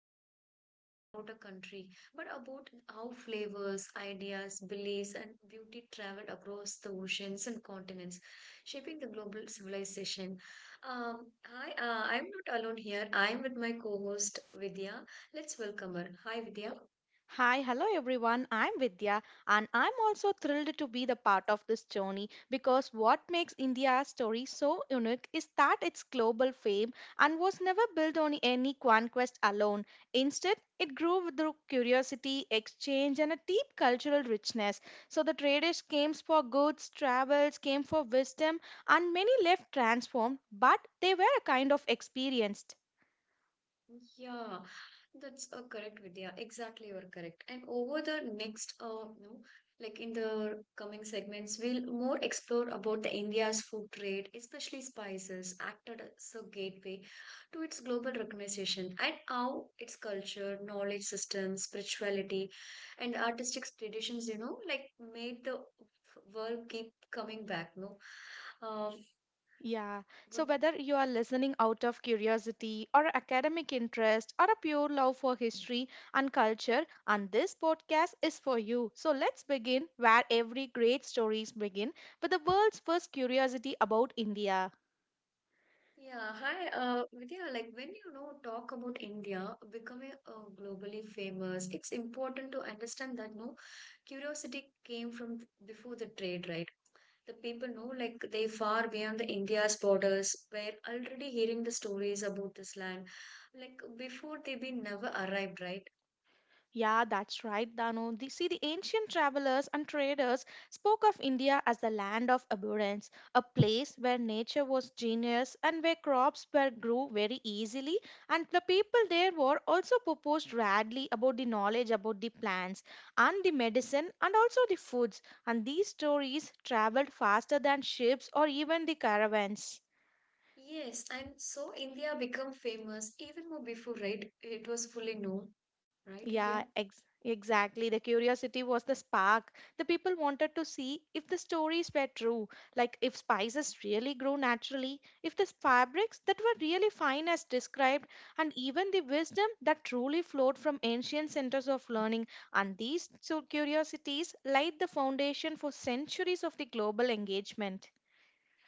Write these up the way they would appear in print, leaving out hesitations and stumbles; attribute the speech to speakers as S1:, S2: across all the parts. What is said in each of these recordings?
S1: not just a story about a country, but about how flavors, ideas, beliefs, and beauty traveled across the oceans and continents, shaping the global civilization. I'm not alone here. I'm with my co-host Vidya. Let's welcome her. Hi, Vidya.
S2: Hi, hello everyone. I'm Vidya and I'm also thrilled to be the part of this journey because what makes India's story so unique is that its global fame and was never built on any conquest alone. Instead, it grew through curiosity, exchange and a deep cultural richness. So the traders came for goods, travels, came for wisdom and many left transformed, but they were a kind of experienced.
S1: Yeah, that's a correct, Vidya. Exactly, you're correct. And over the next, like in the coming segments, we'll more explore about the India's food trade, especially spices, acted as a gateway to its global recognition, and how its culture, knowledge systems, spirituality, and artistic traditions, you know, like made the world keep coming back. No, um,
S2: Yeah. So,
S1: what
S2: whether you are listening out of curiosity or academic interest or a pure love for history and culture, and this podcast is for you. So, let's begin where every great stories begin with the world's first curiosity about India.
S1: Yeah, hi, Vidya, like when you know talk about India becoming globally famous, it's important to understand that no curiosity came from before the trade, right? The people know like they far beyond the India's borders were already hearing the stories about this land, like before they been never arrived, right?
S2: Yeah, that's right, Danu. See, the ancient travelers and traders spoke of India as the land of abundance, a place where nature was genius and where crops were grew very easily. And the people there were also proposed radly about the knowledge about the plants and the medicine and also the foods. And these stories traveled faster than ships or even the caravans.
S1: Yes, and so India become famous even more before, right? It was fully known, right,
S2: Yeah,
S1: Vidya?
S2: exactly. The curiosity was the spark. The people wanted to see if the stories were true, like if spices really grew naturally, if the fabrics that were really fine as described, and even the wisdom that truly flowed from ancient centers of learning. And these two curiosities laid the foundation for centuries of the global engagement.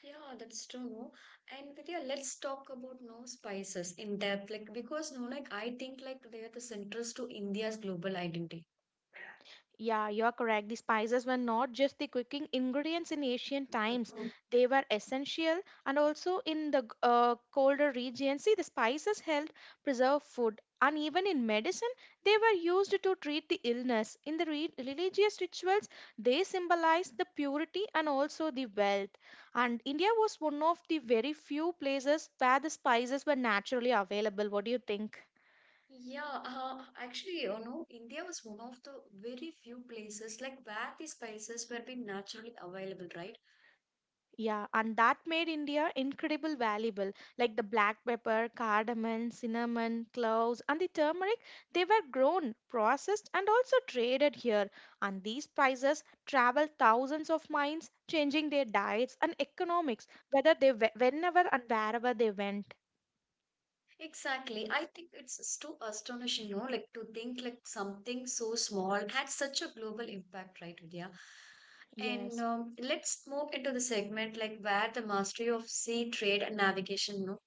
S1: Yeah, that's true, no? And Vidya, let's talk about no spices in depth, like because no, like I think like they are the centers to India's global identity.
S2: Yeah, you're correct. The spices were not just the cooking ingredients in ancient times.
S1: Mhm.
S2: They were essential and also in the colder regions. See, the spices helped preserve food. And even in medicine, they were used to treat the illness. In the religious rituals, they symbolized the purity and also the wealth. And India was one of the very few places where the spices were naturally available. What do you think?
S1: Yeah, actually, you know, India was one of the very few places like where the spices were being naturally available, right?
S2: Yeah, and that made India incredible valuable. Like the black pepper, cardamom, cinnamon, cloves, and the turmeric, they were grown, processed, and also traded here. And these spices traveled thousands of miles, changing their diets and economics, whether whenever and wherever they went.
S1: Exactly. I think it's too astonishing, no? Like to think like something so small had such a global impact, right, Vidya? And
S2: Yes.
S1: let's move into the segment like where the mastery of sea trade and navigation, no?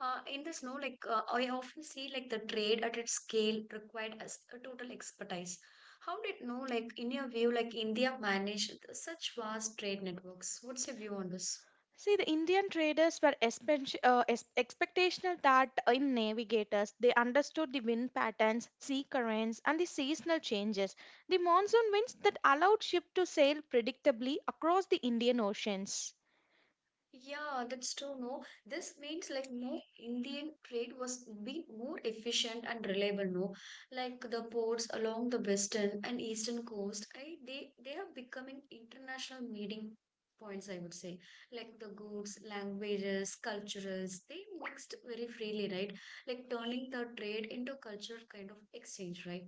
S1: In this, no, like I often see like the trade at its scale required as a total expertise. How did, no, like in your view, like India managed such vast trade networks? What's your view on this?
S2: See, the Indian traders were expectational that in navigators they understood the wind patterns, sea currents, and the seasonal changes. The monsoon winds that allowed ships to sail predictably across the Indian oceans.
S1: Yeah, that's true. No, this means like no Indian trade was be more efficient and reliable. No, like the ports along the western and eastern coast, I, they have becoming international meeting points. I would say like the goods, languages, cultures, they mixed very freely, right? Like turning the trade into culture kind of exchange, right?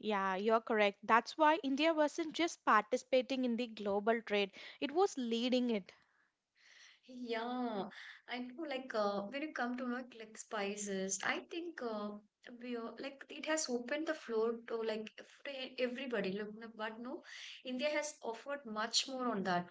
S2: Yeah, you're correct. That's why India wasn't just participating in the global trade, it was leading it.
S1: Yeah, I know. Like when you come to like spices, I think we are, like it has opened the floor to like for everybody. Look, but no, India has offered much more on that.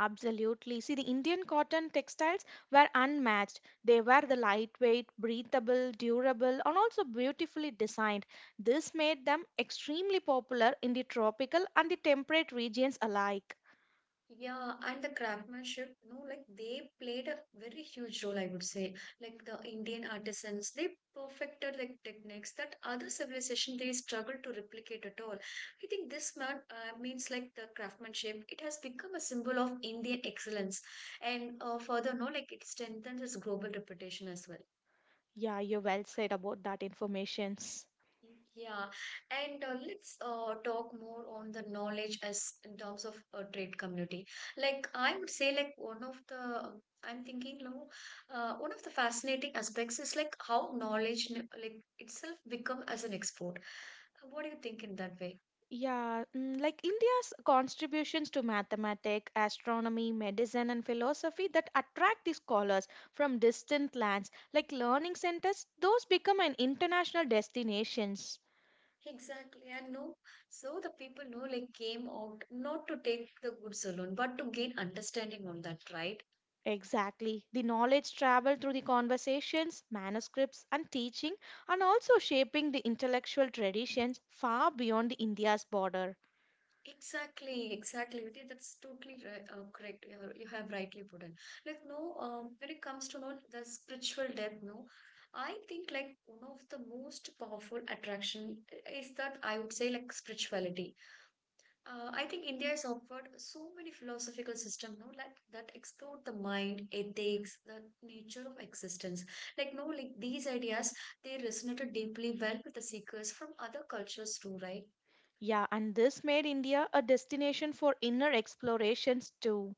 S2: Absolutely. See, the Indian cotton textiles were unmatched. They were the lightweight, breathable, durable, and also beautifully designed. This made them extremely popular in the tropical and the temperate regions alike.
S1: Yeah, and the craftsmanship, you know, like they played a very huge role, I would say. Like the Indian artisans, they perfected like techniques that other civilization they struggled to replicate at all. I think this man means like the craftsmanship, it has become a symbol of Indian excellence, and further, no, like it strengthens its global reputation as well.
S2: Yeah, you well said about that informations.
S1: Yeah, and let's talk more on the knowledge as in terms of trade community. Like I would say, like one of the I'm thinking, no, one of the fascinating aspects is like how knowledge like itself become as an export. What do you think in that way?
S2: Yeah, like India's contributions to mathematics, astronomy, medicine, and philosophy that attract the scholars from distant lands, like learning centers, those become an international destinations.
S1: Exactly, and no, so the people know like came out not to take the goods alone, but to gain understanding on that, right?
S2: Exactly. The knowledge traveled through the conversations, manuscripts, and teaching, and also shaping the intellectual traditions far beyond the India's border.
S1: Exactly, exactly, Vidya. That's totally right, correct. You have rightly put it. Like, no, when it comes to know the spiritual depth, no, I think like one of the most powerful attraction is that I would say like spirituality. I think India has offered so many philosophical system, no, like that explore the mind, ethics, the nature of existence. Like, no, like these ideas they resonated deeply well with the seekers from other cultures too, right?
S2: Yeah, and this made India a destination for inner explorations too.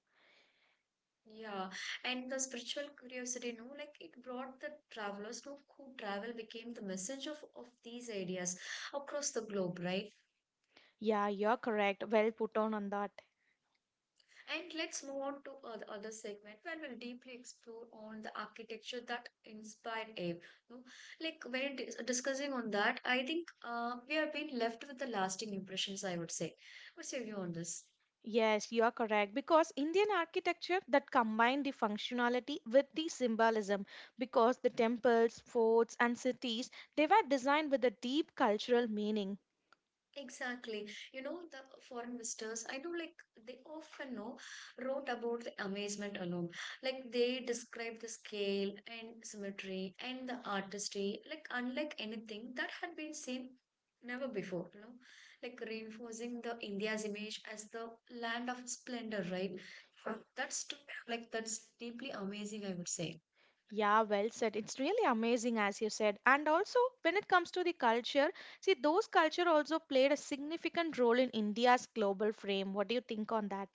S1: Yeah, and the spiritual curiosity, no, like it brought the travelers no, who travel became the message of these ideas across the globe, right?
S2: Yeah, you're correct. Well put on that.
S1: And let's move on to the other segment where we'll deeply explore on the architecture that inspired Abe. No, like when discussing on that, I think we have been left with the lasting impressions, I would say. What's your view on this?
S2: Yes, you are correct because Indian architecture that combined the functionality with the symbolism because the temples, forts and cities they were designed with a deep cultural meaning.
S1: Exactly. You know, the foreign visitors, I know like they often know wrote about the amazement alone. Like they describe the scale and symmetry and the artistry, like unlike anything that had been seen never before, you know, like reinforcing the India's image as the land of splendor, right? That's that's deeply amazing, I would say.
S2: Yeah, well said. It's really amazing, as you said. And also, when it comes to the culture, see, those culture also played a significant role in India's global frame. What do you think on that?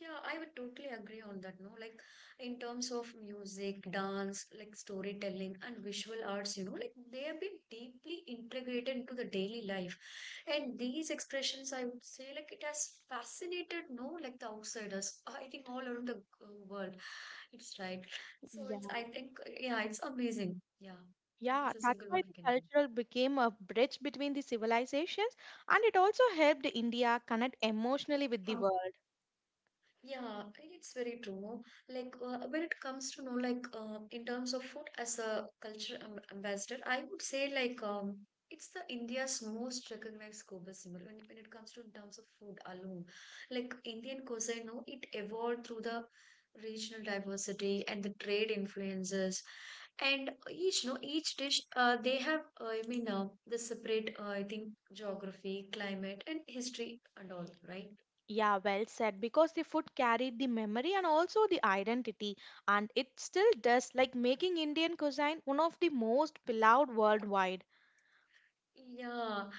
S1: Yeah, I would totally agree on that, no? Like in terms of music, dance, like storytelling and visual arts, you know, like they have been deeply integrated into the daily life. And these expressions, I would say, like it has fascinated, no, like the outsiders, I think all around the world. It's right. So it's, I
S2: Yeah.
S1: think, yeah, it's amazing. Yeah,
S2: Yeah,
S1: that's a
S2: that's
S1: single
S2: why
S1: word we
S2: the
S1: can give.
S2: cultural became a bridge between the civilizations, and it also helped India connect emotionally with the world.
S1: Yeah, it's very true. Like when it comes to know, like in terms of food as a culture ambassador, I would say like it's the India's most recognized global symbol when it comes to in terms of food alone. Like Indian cuisine, no, it evolved through the regional diversity and the trade influences, and each no each dish they have I mean the separate I think geography, climate, and history and all, right?
S2: Yeah, well said, because the food carried the memory and also the identity, and it still does, like making Indian cuisine one of the most beloved worldwide.
S1: Yeah.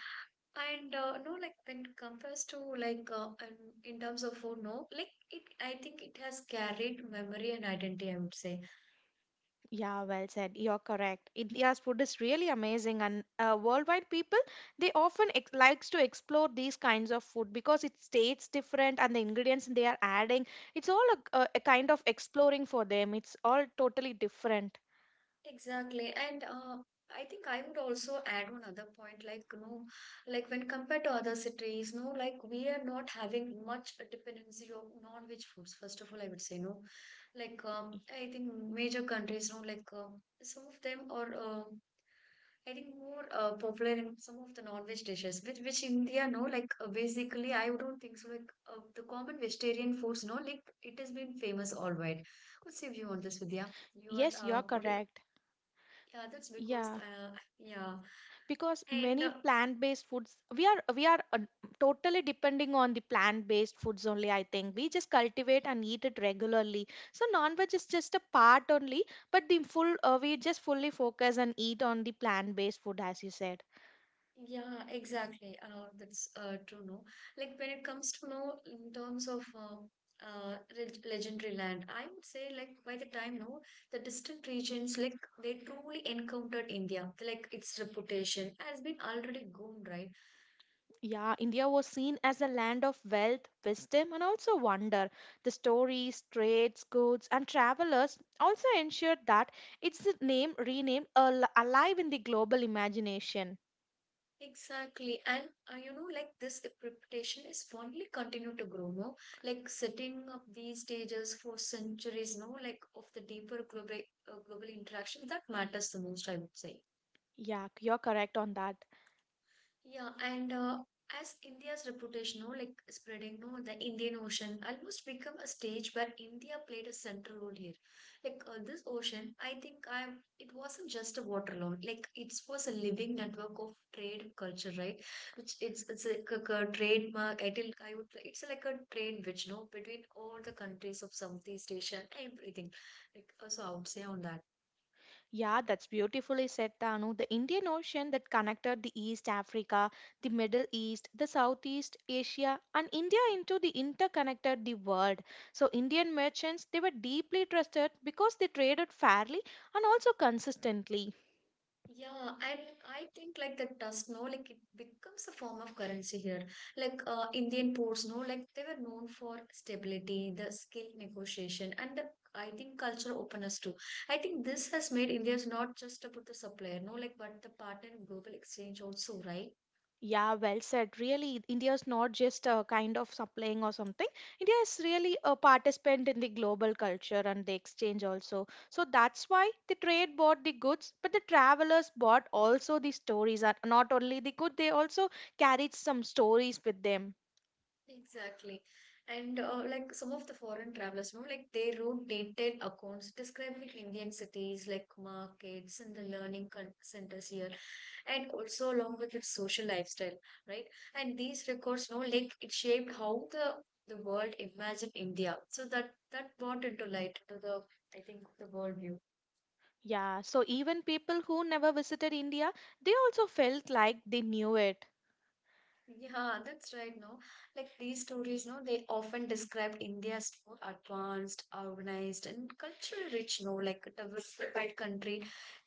S1: And no, like when it compares to like in terms of food, no, like it, I think it has carried memory and identity, I would say.
S2: Yeah, well said. You're correct. India's food is really amazing, and worldwide people they often likes to explore these kinds of food because it tastes different, and the ingredients they are adding, it's all a kind of exploring for them. It's all totally different.
S1: Exactly. And I think I would also add one other point, like, you know, like when compared to other cities, no, like we are not having much dependency of non-veg foods, first of all, I would say, no. Like,
S2: Y-
S1: I think major countries, no, like some of them are, I think, more popular in some of the non-veg dishes, which India, no, like basically, I don't think so. Like the common vegetarian foods, no, like it has been famous all wide. What's your view on this, Vidya? You are,
S2: Yes, you're
S1: what,
S2: correct.
S1: yeah, that's because,
S2: Yeah,
S1: yeah,
S2: because
S1: and
S2: many plant-based foods we are totally depending on the plant-based foods only. I think we just cultivate and eat it regularly, so non-veg is just a part only, but the full, we just fully focus and eat on the plant-based food as you said.
S1: yeah, exactly. That's true, no? Like when it comes to, no, in terms of legendary land, I would say, like, by the time, no, the distant regions, like, they truly encountered India, like, its reputation has been already gone, right?
S2: Yeah, India was seen as a land of wealth, wisdom and also wonder. The stories, trades, goods and travelers also ensured that its name renamed alive in the global imagination.
S1: Exactly, and you know, like this reputation is fondly continue to grow, no? Like setting up these stages for centuries, no? Like of the deeper global interaction that matters the most, I would say.
S2: Yeah, you're correct on that.
S1: Yeah, and as India's reputation, no, like spreading, no, the Indian Ocean almost become a stage where India played a central role here. Like this ocean, I think I it wasn't just a water lord. Like it was a living network of trade and culture, right? Which it's like a trademark. I think I would it's like a trade which no between all the countries of Southeast Asia and everything. Like so, I would say on that.
S2: Yeah, that's beautifully said, Tanu. The Indian Ocean that connected the East Africa, the Middle East, the Southeast Asia, and India into the interconnected the world. So Indian merchants they were deeply trusted because they traded fairly and also consistently.
S1: Yeah, and I think like the dust, no, like it becomes a form of currency here. Like Indian ports, no, like they were known for stability, the skill negotiation, and the I think cultural openness too. I think this has made India is not just about the supplier, no, like but the partner in global exchange also, right?
S2: Yeah, well said. Really, India is not just a kind of supplying or something. India is really a participant in the global culture and the exchange also. So that's why the trade bought the goods, but the travelers bought also the stories. And not only the good, they also carried some stories with them.
S1: Exactly. And like some of the foreign travelers, no, like they wrote detailed accounts describing Indian cities, like markets and the learning centers here and also along with its social lifestyle, right? And these records, no, like it shaped how the world imagined India. So that brought into light to the I think the world view.
S2: Yeah, so even people who never visited India, they also felt like they knew it.
S1: Yeah, that's right. No, like these stories, no, they often described India's more advanced, organized, and culturally rich, no, like a diversified country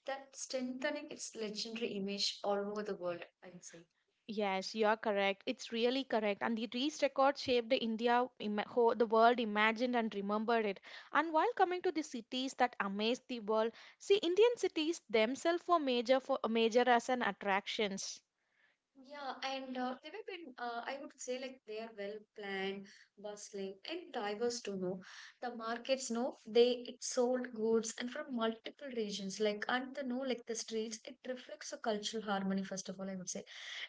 S1: that strengthening its legendary image all over the world. I'd say.
S2: Yes, you are correct. It's really correct. And the race record shaped the India, the world imagined and remembered it. And while coming to the cities that amazed the world, see, Indian cities themselves were major for major as an attractions.
S1: Yeah, and they have been, I would say, like they are well planned, bustling, and diverse to know. The markets know they it sold goods and from multiple regions, like and the know like the streets, it reflects a cultural harmony, first of all, I would say.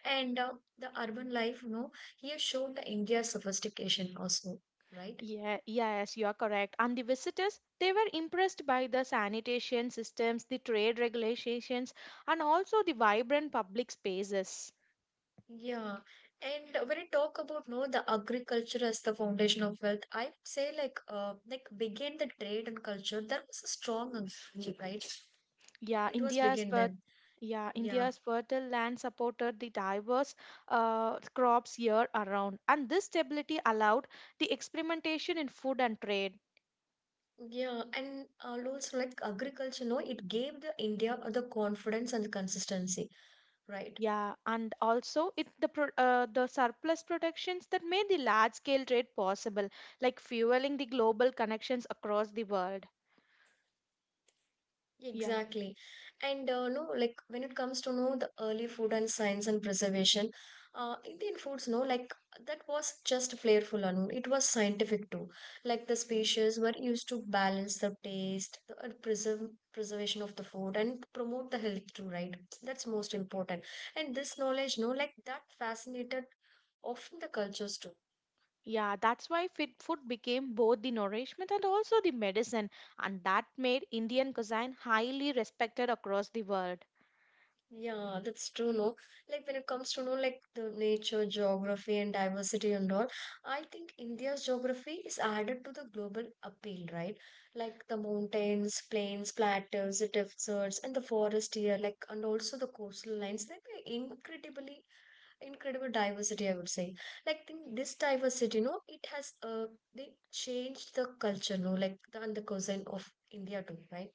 S1: And the urban life, you know, here shown the India's sophistication also, right?
S2: Yeah, yes, you are correct. And the visitors, they were impressed by the sanitation systems, the trade regulations, and also the vibrant public spaces.
S1: Yeah, and when I talk about no the agriculture as the foundation of wealth, I would say like like begin the trade and culture that was a strong agriculture, right?
S2: Yeah,
S1: It was
S2: India's
S1: begin
S2: fer
S1: them.
S2: yeah,
S1: Yeah,
S2: India's fertile land supported the diverse crops year around, and this stability allowed the experimentation in food and trade.
S1: yeah, and also like agriculture, no, it gave the India the confidence and the consistency, right?
S2: Yeah, and also it the pro the surplus productions that made the large scale trade possible, like fueling the global connections across the world. Yeah.
S1: Exactly. And no, like when it comes to know the early food and science and preservation, Indian foods, no, like that was just flavorful, Anu. It was scientific too. Like the species were used to balance the taste, the preserve preservation of the food, and promote the health too, right? That's most important. And this knowledge, no, like that fascinated often the cultures too.
S2: Yeah, that's why fit food became both the nourishment and also the medicine, and that made Indian cuisine highly respected across the world.
S1: Yeah, that's true, no? Like when it comes to, no, like the nature, geography, and diversity and all, I think India's geography is added to the global appeal, right? Like the mountains, plains, plateaus, deserts, and the forest here, like, and also the coastal lines, they are incredible diversity, I would say. Like think this diversity, no, it has, they changed the culture, no, like the cuisine of India too, right?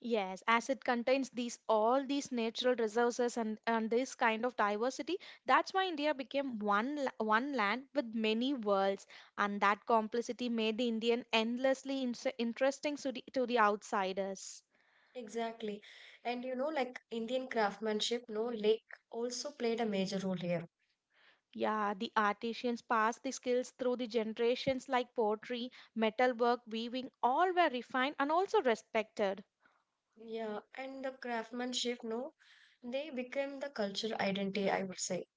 S2: Yes, as it contains these all these natural resources and this kind of diversity, that's why India became one land with many worlds, and that complexity made the Indian endlessly interesting to the outsiders.
S1: Exactly. And you know, like Indian craftsmanship, no, lake also played a major role here.
S2: Yeah, the artisans passed the skills through the generations, like pottery, metalwork, weaving, all were refined and also respected.
S1: Yeah, and the craftsmanship, no, they became the culture identity, I would say.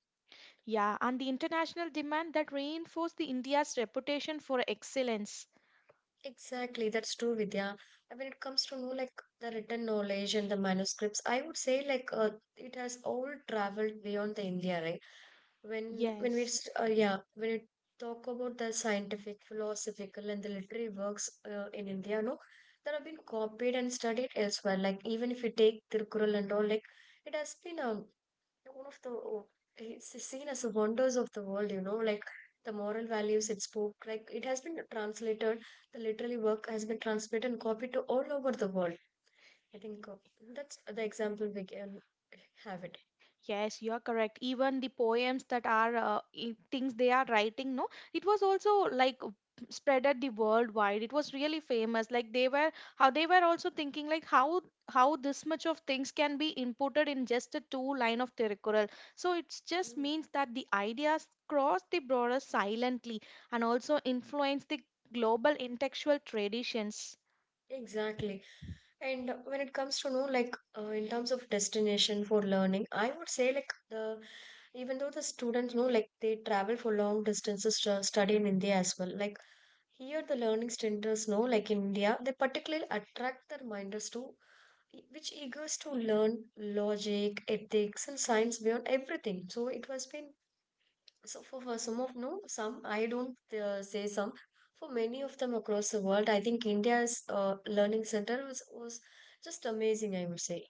S2: Yeah, and the international demand that reinforced the India's reputation for excellence.
S1: Exactly, that's true, Vidya. And when it comes to know like the written knowledge and the manuscripts, I would say like it has all traveled beyond the India, right? When when we
S2: Yes.
S1: s- uh, yeah when we talk about the scientific, philosophical, and the literary works in India, no, that have been copied and studied elsewhere. Like even if we take Tirukkural and all, like it has been one of the oh, it's seen as the wonders of the world, you know, like the moral values it spoke, like it has been translated, the literary work has been translated and copied to all over the world. I think that's the example we can have it.
S2: Yes, you are correct. Even the poems that are things they are writing, no, it was also like spread at the worldwide. It was really famous. Like they were how they were also thinking like how this much of things can be inputted in just a two line of Tirukkural. So it just
S1: Mm.
S2: means that the ideas cross the borders silently and also influence the global intellectual traditions.
S1: Exactly. And when it comes to know like in terms of destination for learning, I would say like the even though the students know, like they travel for long distances to study in India as well, like here, the learning centers know, like in India, they particularly attract their minders to which eagers to learn logic, ethics, and science beyond everything. So it has been so for some of no some I don't say some, for many of them across the world. I think India's learning center was just amazing, I would say.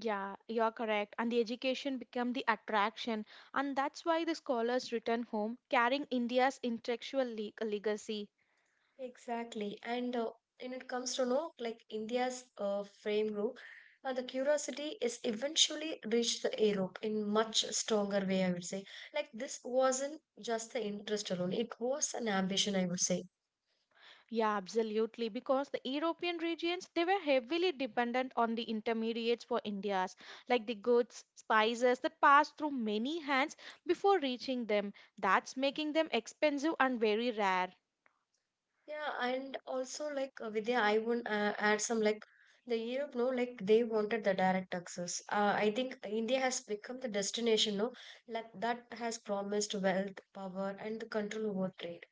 S2: Yeah, you're correct. And the education became the attraction. And that's why the scholars return home carrying India's intellectual legacy.
S1: Exactly. And when it comes to know like India's framework, the curiosity is eventually reached the Europe in much stronger way, I would say. Like this wasn't just the interest alone; it was an ambition, I would say.
S2: Yeah, absolutely. Because the European regions, they were heavily dependent on the intermediates for India's, like the goods, spices that passed through many hands before reaching them. That's making them expensive and very rare.
S1: Yeah, and also like Vidya, I would add some like the Europe, no, like they wanted the direct access. I think India has become the destination, no, like that has promised wealth, power, and the control over trade.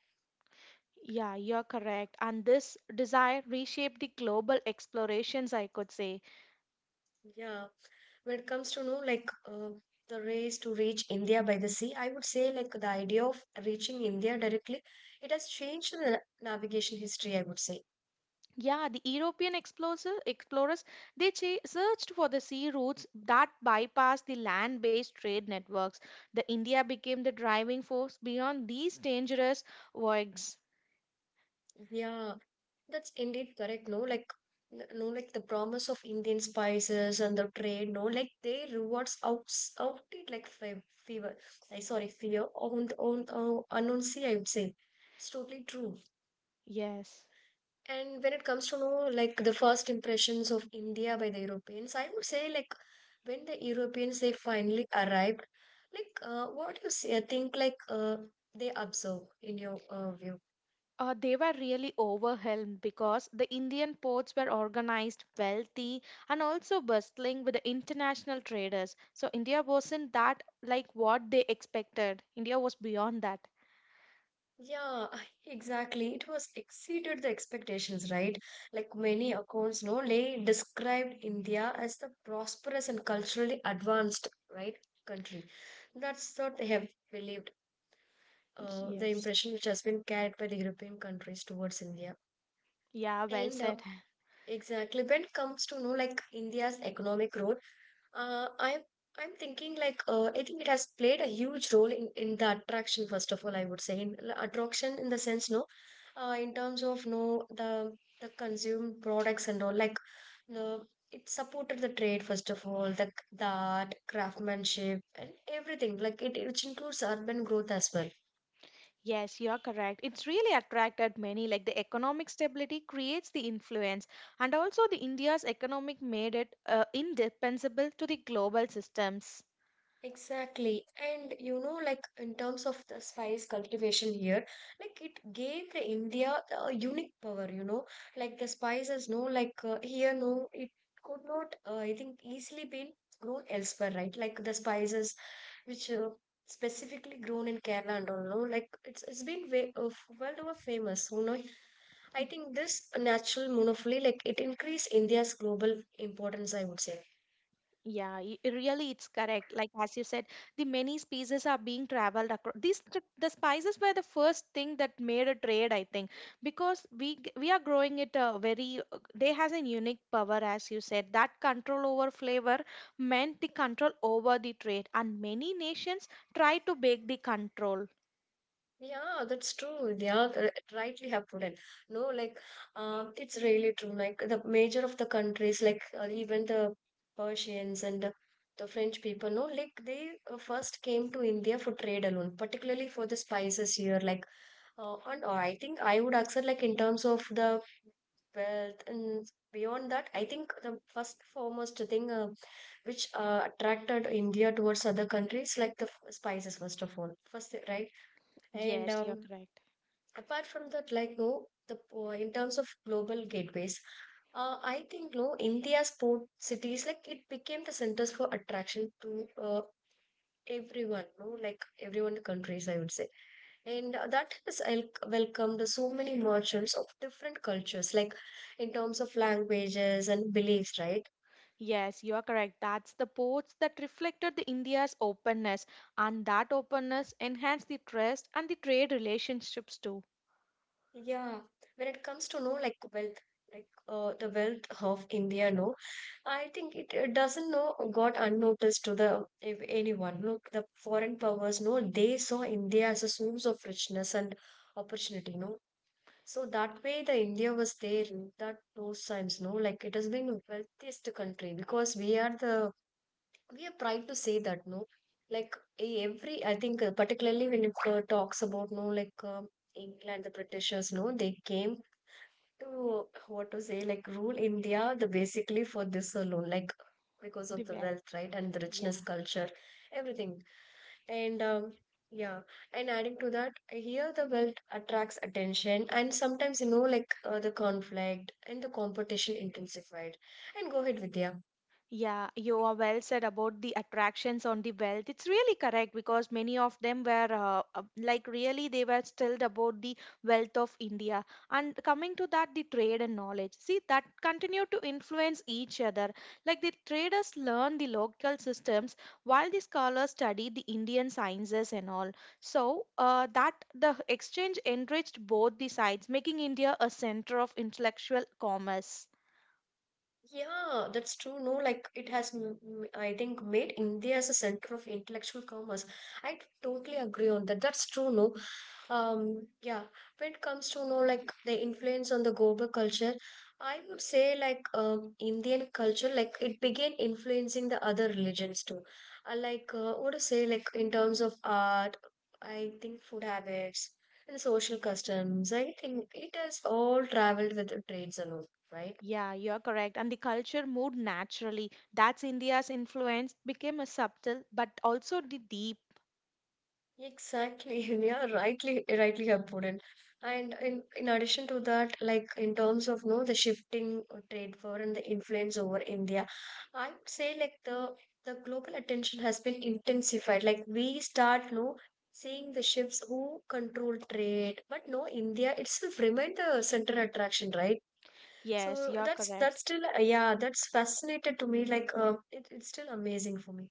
S2: Yeah, you're correct. And this desire reshaped the global explorations, I could say.
S1: Yeah, when it comes to know like the race to reach India by the sea, I would say like the idea of reaching India directly, it has changed the navigation history, I would say.
S2: Yeah, the European explorers they searched for the sea routes that bypassed the land-based trade networks. The India became the driving force beyond these dangerous voyages.
S1: Yeah, that's indeed correct, no, like no like the promise of Indian spices and the trade, no, like they rewards out it like fever. I sorry, fear on the on unknown sea, I would say. It's totally true.
S2: Yes.
S1: And when it comes to know like the first impressions of India by the Europeans, I would say like when the Europeans they finally arrived, like what you say, I think like they observe in your view.
S2: They were really overwhelmed because the Indian ports were organized, wealthy, and also bustling with the international traders. So India wasn't that like what they expected. India was beyond that.
S1: Yeah, exactly. It was exceeded the expectations, right? Like many accounts, no, they described India as the prosperous and culturally advanced, right, country. That's what they have believed. The
S2: Yes.
S1: impression which has been carried by the European countries towards India.
S2: Yeah, well
S1: And
S2: said.
S1: Exactly, when it comes to know like India's economic role, uh, I'm I'm thinking like I think it has played a huge role in the attraction. First of all, I would say in attraction in the sense no, in terms of no the the consumed products and all, like the it supported the trade, first of all the the art craftsmanship and everything, like it which includes urban growth as well.
S2: Yes, you are correct. It's really attracted many, like the economic stability creates the influence, and also the India's economic made it indispensable to the global systems.
S1: Exactly. And you know, like in terms of the spice cultivation here, like it gave the India a unique power, you know, like the spices, no, like here, no, it could not, I think, easily been grown elsewhere, right? Like the spices which specifically grown in Kerala and all, no, like it's been way, world over famous, you know. I think this natural monopoly, like it increased India's global importance, I would say.
S2: Yeah, really, it's correct. Like as you said, the many species are being traveled across. These the spices were the first thing that made a trade, I think, because we are growing it very. They has a unique power, as you said. That control over flavor meant the control over the trade, and many nations try to break the control.
S1: Yeah, that's true. They are rightly have put in. No, like it's really true. Like the major of the countries, like even the Persians and the French people, no, like they first came to India for trade alone, particularly for the spices here. Like, and I think I would accept like in terms of the wealth and beyond that, I think the first foremost thing which attracted India towards other countries, like the spices, first of all, first, right? And
S2: Yes, you're correct.
S1: Apart from that, like no the in terms of global gateways, I think no India's port cities, like it became the centers for attraction to everyone, no, like everyone in the countries, I would say. And that has welcomed so many merchants of different cultures, like in terms of languages and beliefs, right?
S2: Yes, you are correct. That's the ports that reflected the India's openness, and that openness enhanced the trust and the trade relationships too.
S1: Yeah, when it comes to no like wealth, like the wealth of India, no, I think it doesn't know got unnoticed to the if anyone. Look, the foreign powers know they saw India as a source of richness and opportunity. No, so that way the India was there. In that those times, no, like it has been the wealthiest country because we are proud to say that. No, like every I think particularly when it talks about no like England, the Britishers. No, they came to what to say, like rule India the basically for this alone, like because
S2: The
S1: of the
S2: wealth.
S1: wealth, right? And the richness
S2: Yeah.
S1: culture everything. And um, yeah and adding to that here, the wealth attracts attention and sometimes, you know, like the conflict and the competition intensified. And go ahead, Vidya.
S2: Yeah, you are well said about the attractions on the wealth. It's really correct because many of them were like really they were stilled about the wealth of India. And coming to that, the trade and knowledge. See, that continue to influence each other. Like the traders learn the local systems while the scholars study the Indian sciences and all. So that the exchange enriched both the sides, making India a center of intellectual commerce.
S1: Yeah, that's true. No, like it has, I think, made India as a center of intellectual commerce. I totally agree on that. That's true. No, um, yeah. When it comes to no, like the influence on the global culture, I would say like Indian culture, like it began influencing the other religions too. What to say, like in terms of art, I think food habits and social customs. I think it has all traveled with the trades and all, right?
S2: Yeah, you're correct. And the culture moved naturally. That's India's influence became a subtle but also the deep.
S1: Exactly. Yeah, rightly, rightly have put in. And in addition to that, like in terms of no the shifting trade war and the influence over India, I'd say like the global attention has been intensified. Like we start no seeing the ships who control trade, but no India itself remained the central attraction, right?
S2: Yes,
S1: So
S2: you're
S1: that's that's
S2: correct.
S1: still yeah, that's fascinated to me. Like it's still amazing for me.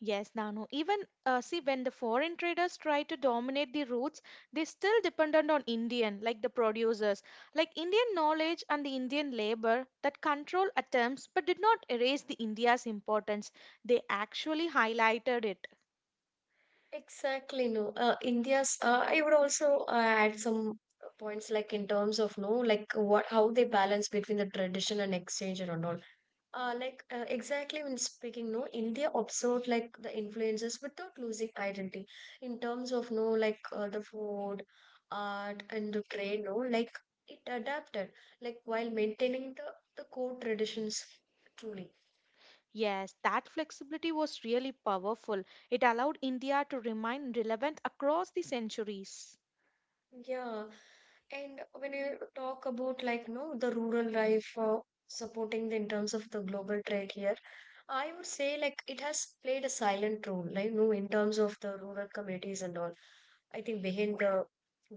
S2: Yes, Danu. Even, see, when the foreign traders try to dominate the routes, they still dependent on Indian, like the producers, like Indian knowledge and the Indian labor that control attempts, but did not erase the India's importance. They actually highlighted it.
S1: Exactly, no. India's, I would also add some points like in terms of no, like what how they balance between the tradition and exchange and all. Exactly when speaking, no, India absorbed like the influences without losing identity in terms of no, like the food, art, and the trade, no, like it adapted, like while maintaining the core traditions. Truly.
S2: Yes, that flexibility was really powerful. It allowed India to remain relevant across the centuries.
S1: Yeah, and when you talk about like no the rural life, supporting the, in terms of the global trade here, I would say like it has played a silent role, like no in terms of the rural communities and all. I think behind the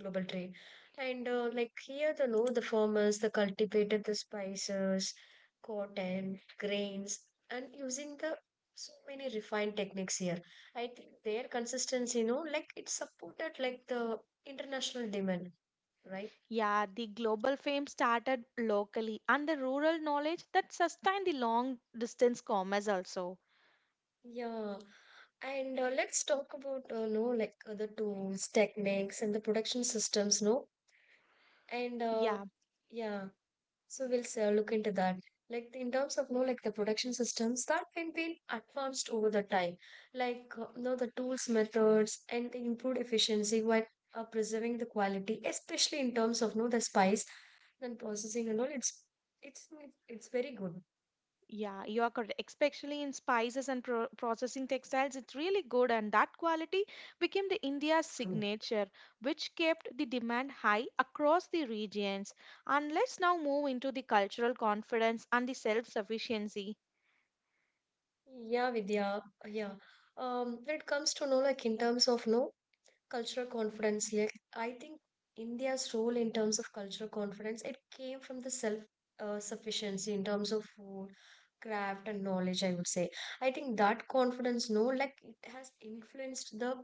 S1: global trade, and like here the no the farmers the cultivated the spices, cotton, grains, and using the so many refined techniques here. I think their consistency, you know, like it supported like the international demand, right?
S2: Yeah, the global fame started locally and the rural knowledge that sustained the long distance commerce also.
S1: Yeah, and let's talk about no like the tools, techniques, and the production systems, no, and uh,
S2: Yeah,
S1: yeah, so we'll look into that. Like in terms of no like the production systems that can be advanced over the time, like no the tools, methods, and the improved efficiency while preserving the quality, especially in terms of no the spice and processing and all. It's it's very good.
S2: yeah, you are correct. Especially in spices and processing textiles, it's really good, and that quality became the India's signature, which kept the demand high across the regions. And let's now move into the cultural confidence and the self-sufficiency.
S1: Yeah, Vidya. Yeah. When it comes to know, like in terms of no cultural confidence, like I think India's role in terms of cultural confidence, it came from the self sufficiency in terms of food, craft, and knowledge, I would say. I think that confidence, no, like it has influenced the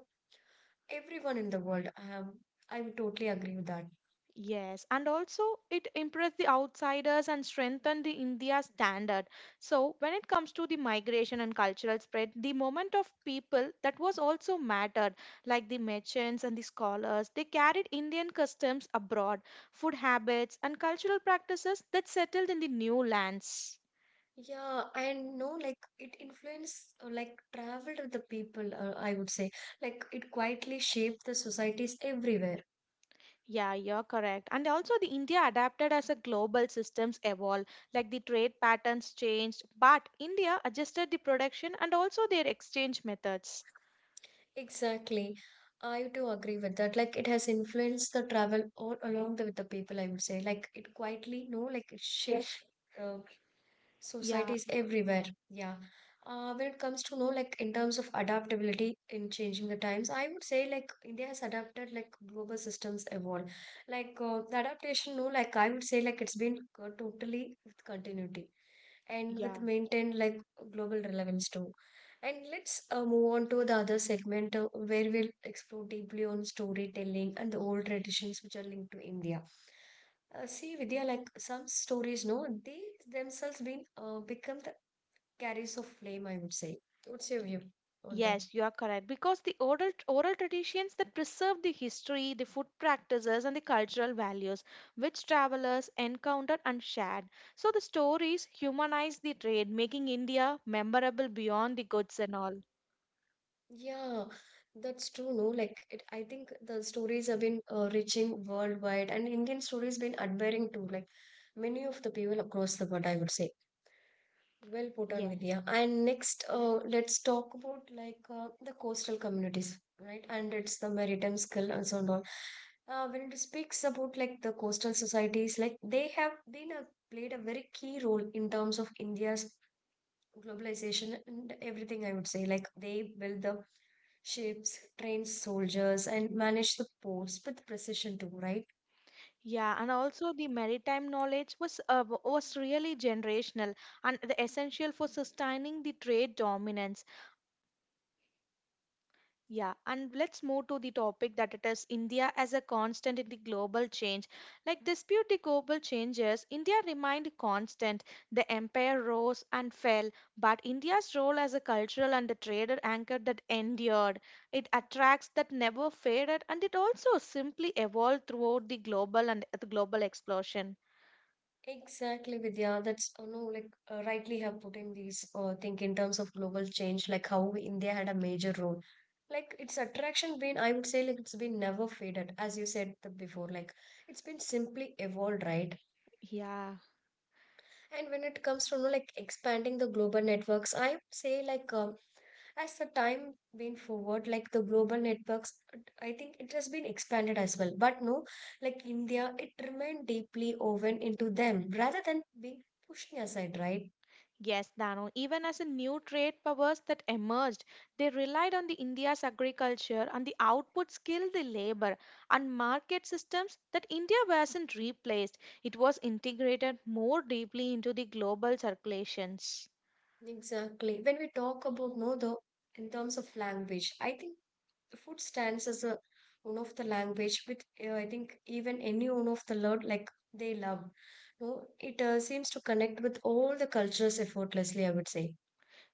S1: everyone in the world. I would totally agree with that.
S2: Yes, and also it impressed the outsiders and strengthened the India standard. So when it comes to the migration and cultural spread, the moment of people that was also mattered, like the merchants and the scholars, they carried Indian customs abroad, food habits and cultural practices that settled in the new lands.
S1: Yeah, I know like it influenced like traveled with the people, I would say. Like it quietly shaped the societies everywhere.
S2: Yeah, you're correct. And also the India adapted as a global systems evolved, like the trade patterns changed, but India adjusted the production and also their exchange methods.
S1: Exactly. I do agree with that. Like it has influenced the travel all along the, with the people, I would say. Like it quietly, no, like it shaped uh,
S2: Yeah,
S1: Society is everywhere. Yeah. When it comes to know like in terms of adaptability in changing the times, I would say like India has adapted like global systems evolve. The adaptation, no, like I would say like it's been totally with continuity and with
S2: yeah.
S1: maintained like global relevance too. And let's move on to the other segment where we'll explore deeply on storytelling and the old traditions which are linked to India. See, Vidya, like some stories, no, they themselves been become the carriers of flame, I would say. What's your view on that?
S2: Yes, you are correct. Because the oral traditions that preserve the history, the food practices, and the cultural values which travelers encountered and shared. So the stories humanize the trade, making India memorable beyond the goods and all.
S1: Yeah, that's true, no? Like it, I think the stories have been reaching worldwide, and Indian stories been admiring too, like many of the people across the world, I would say. Well put on
S2: Yes.
S1: Vidya. And next, let's talk about like the coastal communities, right? And it's the maritime skill and so on. When it speaks about like the coastal societies, like they have played a very key role in terms of India's globalization and everything. I would say like they build the ships, train soldiers, and manage the ports with precision too, right?
S2: Yeah, and also the maritime knowledge was really generational and the essential for sustaining the trade dominance. Yeah, and let's move to the topic that it is India as a constant in the global change. Like dispute the global changes, India remained constant. The empire rose and fell, but India's role as a cultural and a trader anchor that endured. It attracts that never faded, and it also simply evolved throughout the global and the global explosion.
S1: Exactly, Vidya. That's you know, like rightly have put in these think in terms of global change, like how India had a major role. Like its attraction been, I would say, like it's been never faded, as you said the before. Like it's been simply evolved, right?
S2: Yeah.
S1: And when it comes to you know, like expanding the global networks, I would say like as the time been forward, like the global networks, I think it has been expanded as well. But no, like India, it remained deeply woven into them rather than being pushing aside, right?
S2: Yes, Dano, even as a new trade powers that emerged, they relied on the India's agriculture and the output skill, the labor and market systems that India wasn't replaced. It was integrated more deeply into the global circulations.
S1: Exactly. When we talk about no, though, in terms of language, I think the food stands as a one of the language which I think even any one of the Lord like they love. No, it seems to connect with all the cultures effortlessly, I would say.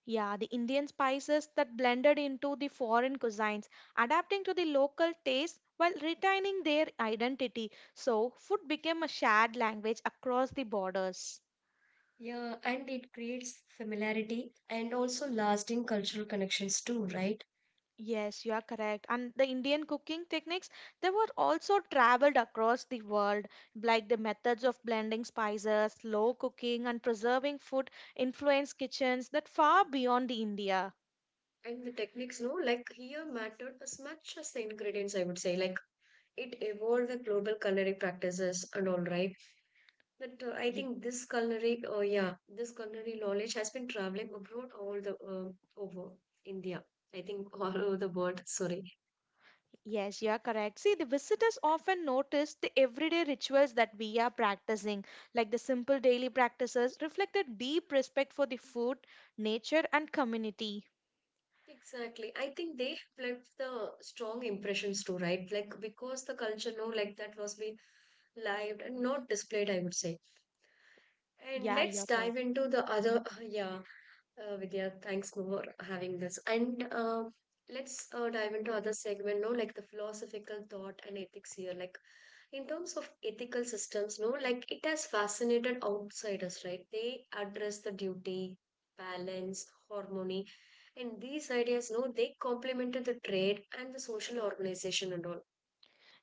S2: Yeah, the Indian spices that blended into the foreign cuisines, adapting to the local taste while retaining their identity. So, food became a shared language across the borders.
S1: Yeah, and it creates familiarity and also lasting cultural connections too, right?
S2: Yes, you are correct. And the Indian cooking techniques, they were also traveled across the world, like the methods of blending spices, slow cooking, and preserving food influenced kitchens that far beyond the India.
S1: And the techniques, no, like here mattered as much as the ingredients, I would say. Like it evolved the global culinary practices and all, right? But I
S2: Ye-
S1: think this culinary, oh yeah, this culinary knowledge has been traveling abroad all the over India. I think all over the world. Sorry.
S2: Yes, you are correct. See, the visitors often notice the everyday rituals that we are practicing, like the simple daily practices reflect a deep respect for the food, nature, and community.
S1: Exactly. I think they have left the strong impressions too, right? Like because the culture no like that was being lived and not displayed, I would say. And
S2: Yeah,
S1: let's
S2: you're
S1: dive
S2: correct.
S1: into the other yeah, Vidya, thanks for having this. And let's dive into other segment, no, like the philosophical thought and ethics here. Like in terms of ethical systems no like it has fascinated outsiders, right? They address the duty, balance, harmony, and these ideas no they complemented the trade and the social organization and all.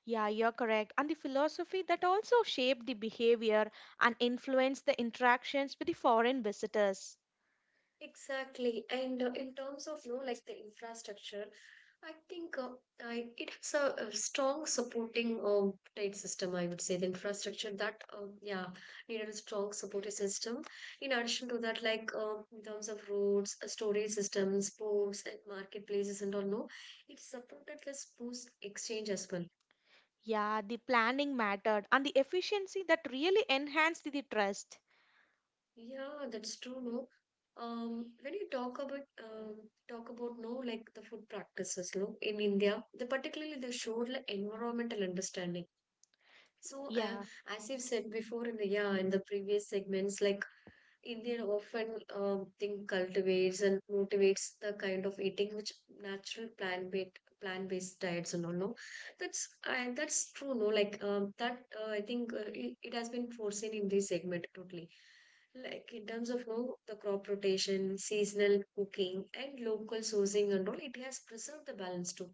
S2: Yeah, you're correct. And the philosophy that also shaped the behavior and influenced the interactions with the foreign visitors.
S1: Exactly, and in terms of you know, like the infrastructure, I think it has a strong supporting trade system, I would say. The infrastructure that yeah needed a strong supporting system. In addition to that, like in terms of roads, storage systems, ports, and marketplaces, and all, no, it supported this boost exchange as well.
S2: Yeah, the planning mattered and the efficiency that really enhanced the trust.
S1: Yeah, that's true, no. When you talk about um, no, like the food practices, no, in India, the particularly the showed like environmental understanding. So,
S2: Yeah.
S1: as you've said before in the yeah in the previous segments, like Indian often think cultivates and motivates the kind of eating which natural plant based diets and all no that's I that's true no like that I think it has been foreseen in this segment totally like in terms of no the crop rotation, seasonal cooking, and local sourcing and all, it has preserved the balance too.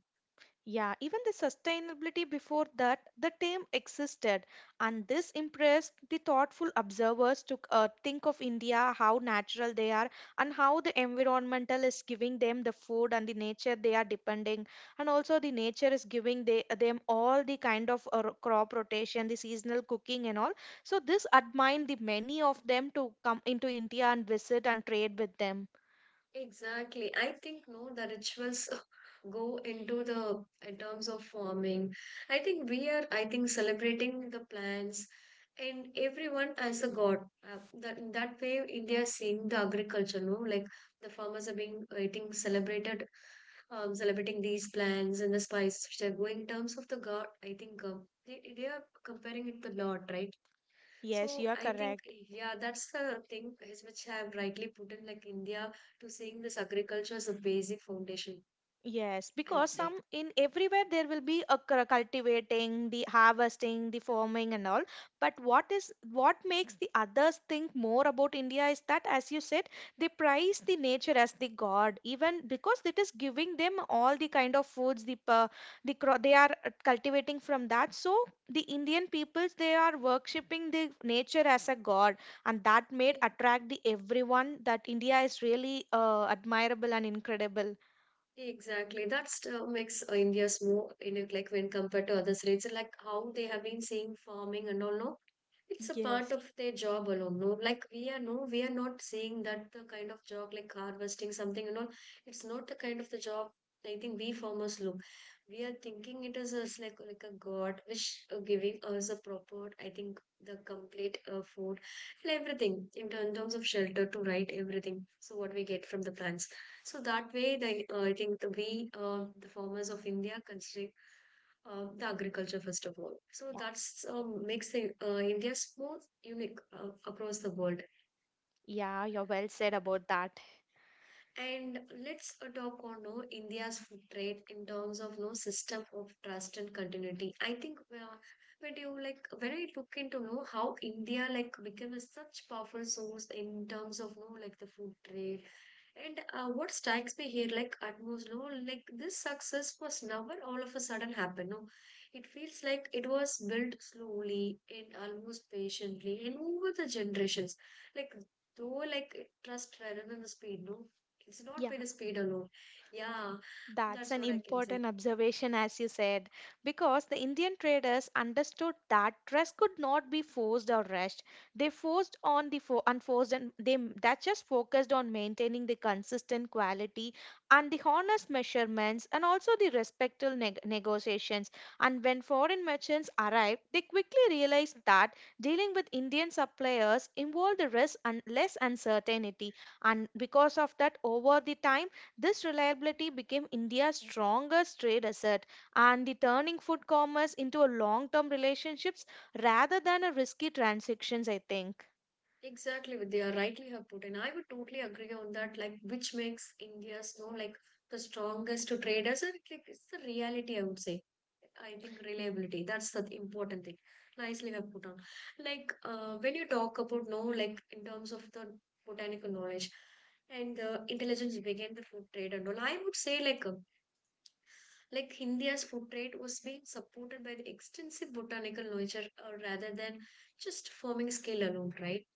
S2: Yeah, even the sustainability before that, the term existed, and this impressed the thoughtful observers to think of India, how natural they are, and how the environmental is giving them the food and the nature they are depending, and also the nature is giving them all the kind of crop rotation, the seasonal cooking, and all. So this admired the many of them to come into India and visit and trade with them.
S1: Exactly. I think no, the rituals go into the in terms of farming. I think we are, I think, celebrating the plants and everyone as a god. That that way India is seeing the agriculture, no? Like the farmers are being I think celebrated, celebrating these plants and the spices which are going in terms of the god. I think they are comparing it to Lord, right?
S2: Yes, you
S1: So
S2: are
S1: I think
S2: correct.
S1: yeah, that's the thing is which I have rightly put in like India to seeing this agriculture as a basic foundation,
S2: Yes,
S1: I would
S2: because
S1: say.
S2: some in everywhere there will be a cultivating, the harvesting, the farming and all. But what is what makes the others think more about India is that, as you said, they prize the nature as the god, even because it is giving them all the kind of foods they are cultivating from that. So the Indian peoples they are worshipping the nature as a god, and that made
S1: Ye-
S2: attract the everyone that India is really admirable and incredible.
S1: Exactly. That's makes India's more you know like when compared to other states, like how they have been seeing farming and all. No, it's a part
S2: Yes.
S1: of their job alone. No, like we are no, we are not saying that the kind of job like harvesting something and all. It's not the kind of the job I think we farmers look. We are thinking it is as like a god which giving us a proper, I think the complete food and everything in terms of shelter to right everything. So what we get from the plants. So that way, the, I think the, we the farmers of India consider the agriculture first of all, so that's makes the, India so unique across the world.
S2: Yeah, you're well said about that.
S1: And let's talk on no India's food trade in terms of no system of trust and continuity. I think when you like when I look into know how India like became a such powerful source in terms of no like the food trade. And what strikes me here, like utmost, no, like this success was never all of a sudden happened. No, it feels like it was built slowly and almost patiently and over the generations. Like though, like trust rather than the speed. No, it's not
S2: Yeah.
S1: by the speed alone. Yeah,
S2: That's
S1: that's
S2: an
S1: what I can say.
S2: important observation, as you said, because the Indian traders understood that trust could not be forced or rushed. They forced on the unforced, and they that just focused on maintaining the consistent quality and the honest measurements, and also the respectful negotiations. And when foreign merchants arrived, they quickly realized that dealing with Indian suppliers involved the risk and less uncertainty, and because of that, over the time this reliability became India's strongest trade asset and the turning food commerce into a long-term relationships rather than a risky transactions, I think.
S1: Exactly, Vidya. Rightly have put, and I would totally agree on that. Like, which makes India's, no, like the strongest to traders. Like, it's the reality, I would say. I think reliability. That's the important thing. Nicely have put on. Like, when you talk about no, like in terms of the botanical knowledge and the intelligence began the food trade and all, I would say like. Like India's food trade was being supported by the extensive botanical knowledge, rather than just farming scale alone, right?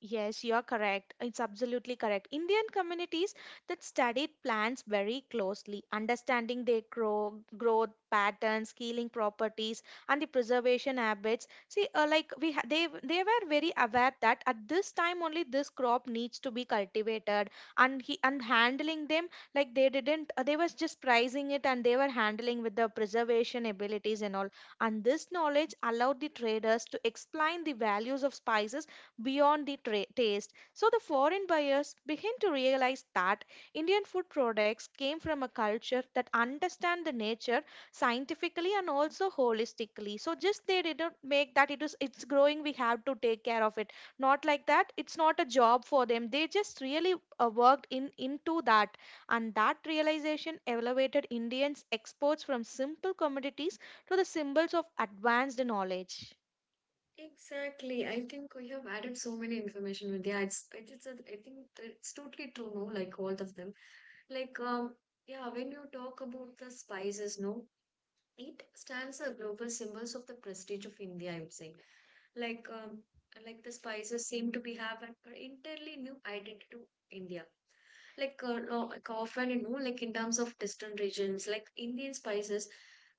S2: Yes, you're correct. It's absolutely correct. Indian communities that studied plants very closely, understanding their growth patterns, healing properties, and the preservation habits. See, like they were very aware that at this time only this crop needs to be cultivated, and he and handling them like they didn't they was just pricing it and they were handling with the preservation abilities and all. And this knowledge allowed the traders to explain the values of spices beyond the taste. So the foreign buyers begin to realize that Indian food products came from a culture that understand the nature scientifically and also holistically. So just they didn't make that it is it's growing we have to take care of it. Not like that. It's not a job for them. They just really worked in into that and that realization elevated Indians exports from simple commodities to the symbols of advanced knowledge.
S1: Exactly. I think we have added so many information, Vidya. It's a, I think it's totally true, no? Like all of them. Like, yeah, when you talk about the spices, no? It stands as a global symbols of the prestige of India, I would say. Like um, like the spices seem to be have an entirely new identity to India. Like, no- like often you know, like in terms of distant regions, like Indian spices,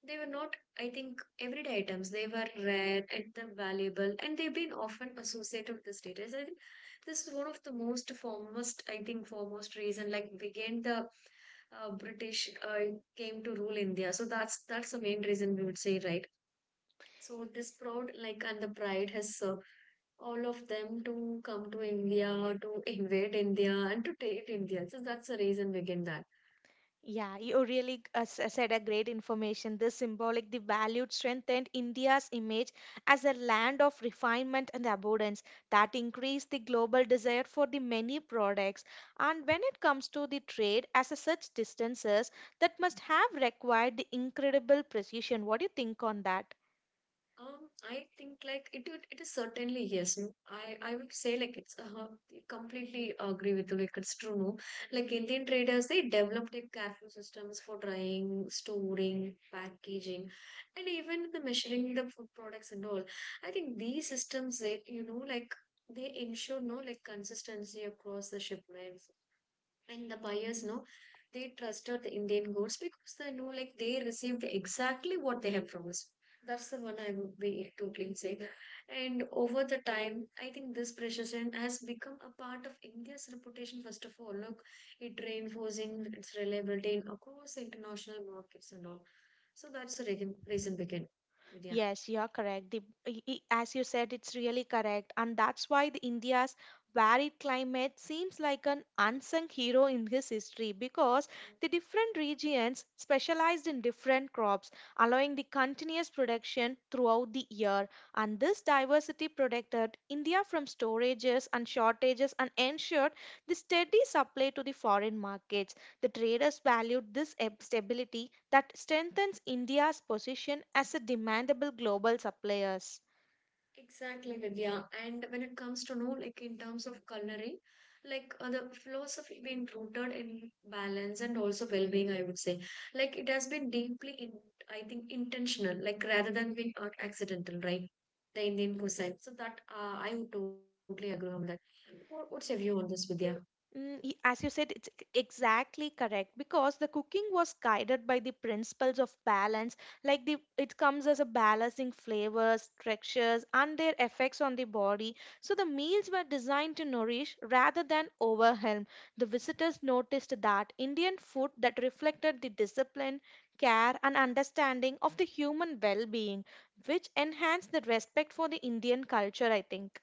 S1: they were not, I think, everyday items. They were rare and they're valuable, and they've been often associated with the status. I think this is one of the most foremost, I think, foremost reason. Like, began the British came to rule India. So that's the main reason we would say, right? So this proud like and the pride has all of them to come to India, to invade India, and to take India. So that's the reason we get that.
S2: Yeah, you really said a great information. This symbolic, the valued strengthened India's image as a land of refinement and abundance that increased the global desire for the many products. And when it comes to the trade, as a such distances, that must have required the incredible precision. What do you think on that?
S1: I think like it it is certainly yes. No. I would say like it's completely agree with you. Like it's true. No, like Indian traders they developed their careful systems for drying, storing, packaging, and even the measuring the food products and all. I think these systems they you know like they ensure no like consistency across the shipments and the buyers no, they trusted the Indian goods because they know like they received exactly what they have promised. That's the one I would be totally saying. And over the time, I think this precision has become a part of India's reputation, first of all. Look, it reinforcing its reliability in across international markets and all. So that's the reason begin. Yeah.
S2: Yes, you are correct. The, as you said, it's really correct. And that's why the India's varied climate seems like an unsung hero in his history because the different regions specialized in different crops, allowing the continuous production throughout the year. And this diversity protected India from storages and shortages and ensured the steady supply to the foreign markets. The traders valued this stability that strengthens India's position as a demandable global supplier.
S1: Exactly, Vidya. And when it comes to know, like in terms of culinary, like the philosophy being rooted in balance and also well-being, I would say, like it has been deeply, in, I think, intentional, like rather than being accidental, right? The Indian cuisine. So that I would totally agree on that. What's your view on this, Vidya?
S2: As you said, it's exactly correct because the cooking was guided by the principles of balance. Like the, it comes as a balancing flavors, textures, and their effects on the body. So the meals were designed to nourish rather than overwhelm. The visitors noticed that Indian food that reflected the discipline, care, and understanding of the human well-being, which enhanced the respect for the Indian culture. I think.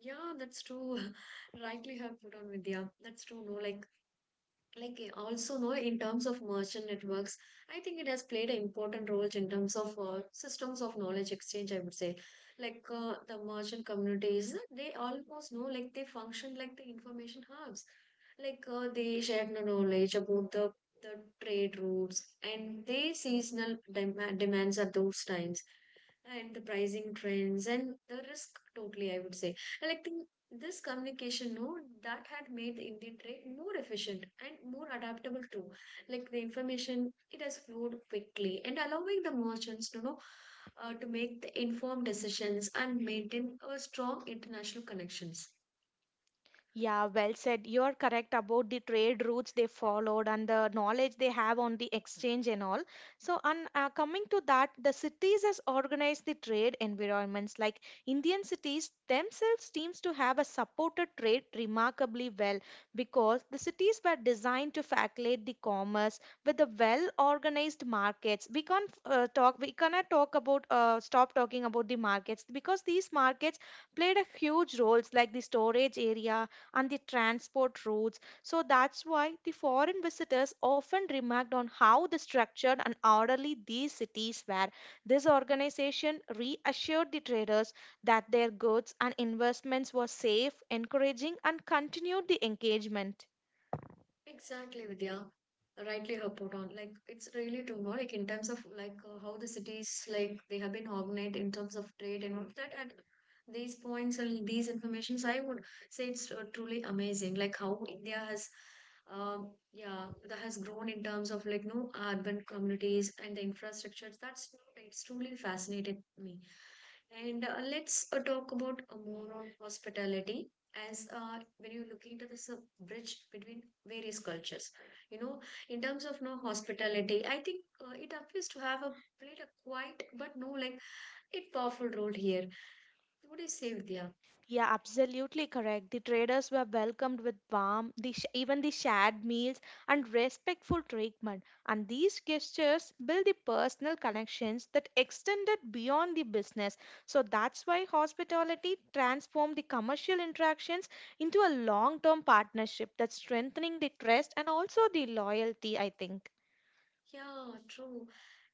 S1: Yeah, that's true. Rightly have put on Vidya. That's true. No, like also know in terms of merchant networks, I think it has played an important role in terms of systems of knowledge exchange, I would say. Like the merchant communities, they almost know like they function like the information hubs. Like they share the knowledge about the trade routes and they seasonal demands at those times, and the pricing trends and the risk totally, I would say. And I think this communication, no, that had made the Indian trade more efficient and more adaptable too. Like the information, it has flowed quickly and allowing the merchants to know to make the informed decisions and maintain a strong international connections.
S2: Yeah, well said. You are correct about the trade routes they followed and the knowledge they have on the exchange and all. So, and coming to that, the cities has organized the trade environments. Like Indian cities themselves seems to have a supported trade remarkably well because the cities were designed to facilitate the commerce with the well-organized markets. We can't talk. We cannot talk about stop talking about the markets because these markets played a huge roles like the storage area and the transport routes. So that's why the foreign visitors often remarked on how the structured and orderly these cities were. This organization reassured the traders that their goods and investments were safe, encouraging, and continued the engagement.
S1: Exactly, Vidya. Rightly her put on. Like it's really too much. Like in terms of like how the cities like they have been organized in terms of trade and all of that. At these points and these informations, I would say it's truly amazing. Like how India has, yeah, that has grown in terms of like no urban communities and the infrastructures. That's it's truly fascinated me. And let's talk about more on hospitality. As when you look into this bridge between various cultures, you know, in terms of no hospitality, I think it appears to have a played a quiet but no like it powerful role here. What do you say, Vidya?
S2: Yeah, absolutely correct. The traders were welcomed with warmth, the even the shared meals, and respectful treatment. And these gestures build the personal connections that extended beyond the business. So that's why hospitality transformed the commercial interactions into a long term partnership that's strengthening the trust and also the loyalty, I think.
S1: Yeah, true.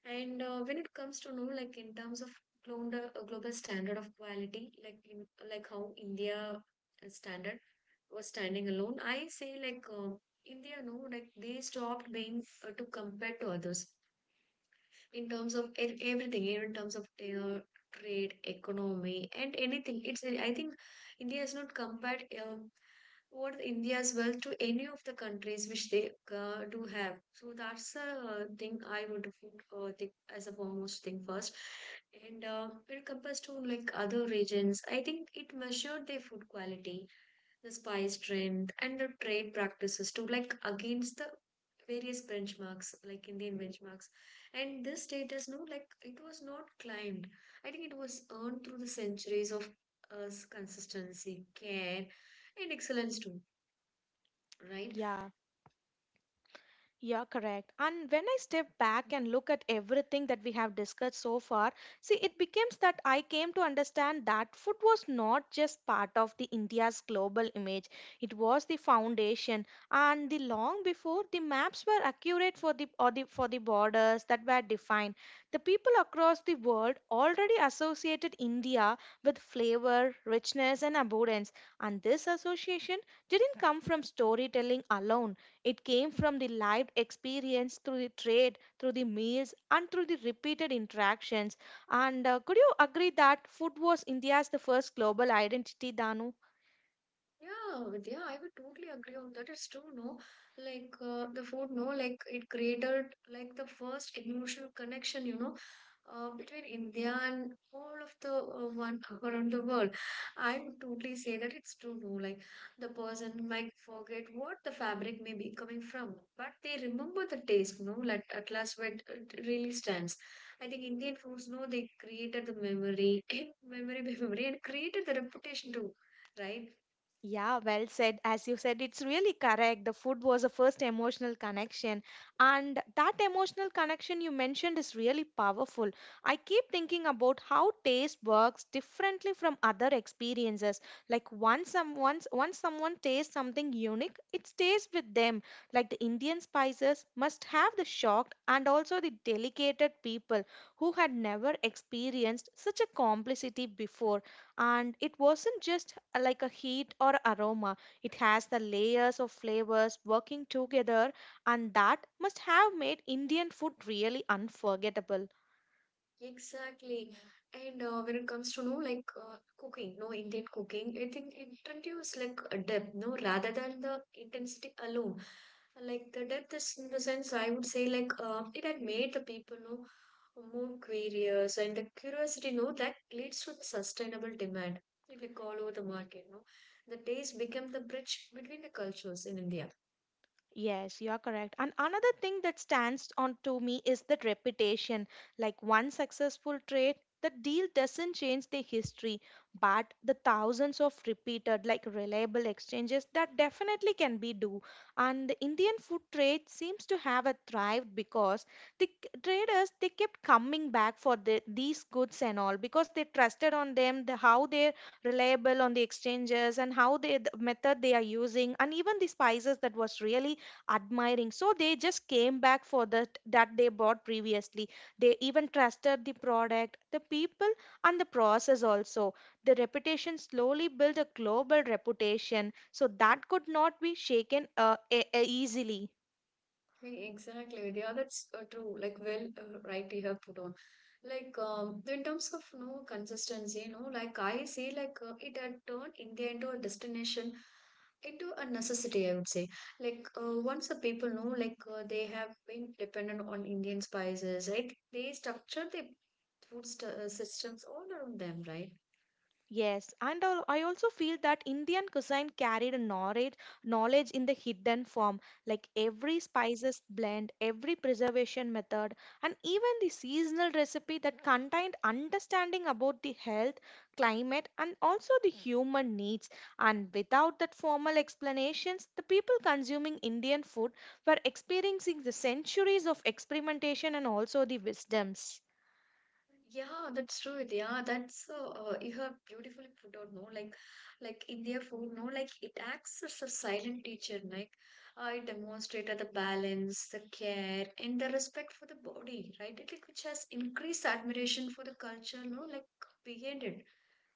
S1: And when it comes to no like in terms of global, global standard of quality like in, like how India standard was standing alone, I say. Like um, India, no, like they stopped being to compare to others in terms of everything, even in terms of trade, economy, and anything. It's, I think, India has not compared what India's wealth to any of the countries which they do have. So that's the thing I would think as a foremost thing first. And when it compares to like other regions, I think it measured their food quality, the spice trend, and the trade practices too, like against the various benchmarks like Indian benchmarks. And this status, no, like it was not climbed. I think it was earned through the centuries of us consistency, care, and excellence too, right?
S2: Yeah. Yeah, correct. And when I step back and look at everything that we have discussed so far, see, it becomes that I came to understand that food was not just part of the India's global image. It was the foundation, and the long before the maps were accurate for the borders that were defined. The people across the world already associated India with flavor, richness, and abundance, and this association didn't come from storytelling alone. It came from the lived experience through the trade, through the meals, and through the repeated interactions. And could you agree that food was India's the first global identity, Danu?
S1: Yeah, Vidya, I would totally agree on that. It's true, no? Like the food, no? Like it created like the first emotional connection, you know, between India and all of the one around the world. I would totally say that it's true, no? Like the person might forget what the fabric may be coming from, but they remember the taste, no? Like at last, what it really stands. I think Indian foods, no? They created the memory, memory by memory, and created the reputation too, right?
S2: Yeah, well said. As you said, it's really correct. The food was the first emotional connection. And that emotional connection you mentioned is really powerful. I keep thinking about how taste works differently from other experiences. Like once someone tastes something unique, it stays with them. Like the Indian spices must have the shocked and also the delicate people who had never experienced such a complicity before, and it wasn't just like a heat or aroma. It has the layers of flavors working together, and that must have made Indian food really unforgettable.
S1: Exactly. And when it comes to no like cooking, no Indian cooking, I think it introduces like a depth, no, rather than the intensity alone. Like the depth is in the sense, I would say, like it had made the people know more curious and the curiosity know that leads to the sustainable demand like all over the market. No, the taste became the bridge between the cultures in India.
S2: Yes, you are correct. And another thing that stands on to me is that reputation. Like one successful trade, the deal doesn't change the history, but the thousands of repeated, like reliable exchanges, that definitely can be do. And the Indian food trade seems to have a thrived because traders, they kept coming back for the, these goods and all because they trusted on them, the, how they're reliable on the exchanges and how they the method they are using, and even the spices that was really admiring, so they just came back for that they bought previously. They even trusted the product, the people, and the process also. The reputation slowly built a global reputation, so that could not be shaken easily.
S1: Exactly, Vidya. That's true. Like, well, right, you have put on. Like, in terms of no consistency, you know, like I see, like it had turned India into a destination, into a necessity, I would say. Like once the people know, like they have been dependent on Indian spices, right? They structure the food systems all around them, right?
S2: I also feel that Indian cuisine carried a knowledge, knowledge in the hidden form, like every spices blend, every preservation method, and even the seasonal recipe that contained understanding about the health, climate, and also the human needs. And without that formal explanations, the people consuming Indian food were experiencing the centuries of experimentation and also the wisdoms.
S1: Yeah, that's true. Yeah, that's you have beautifully put out. No, like in food. No, like it acts as a silent teacher. Like, it demonstrated the balance, the care, and the respect for the body, right? It, like, which has increased admiration for the culture. No, like behind it.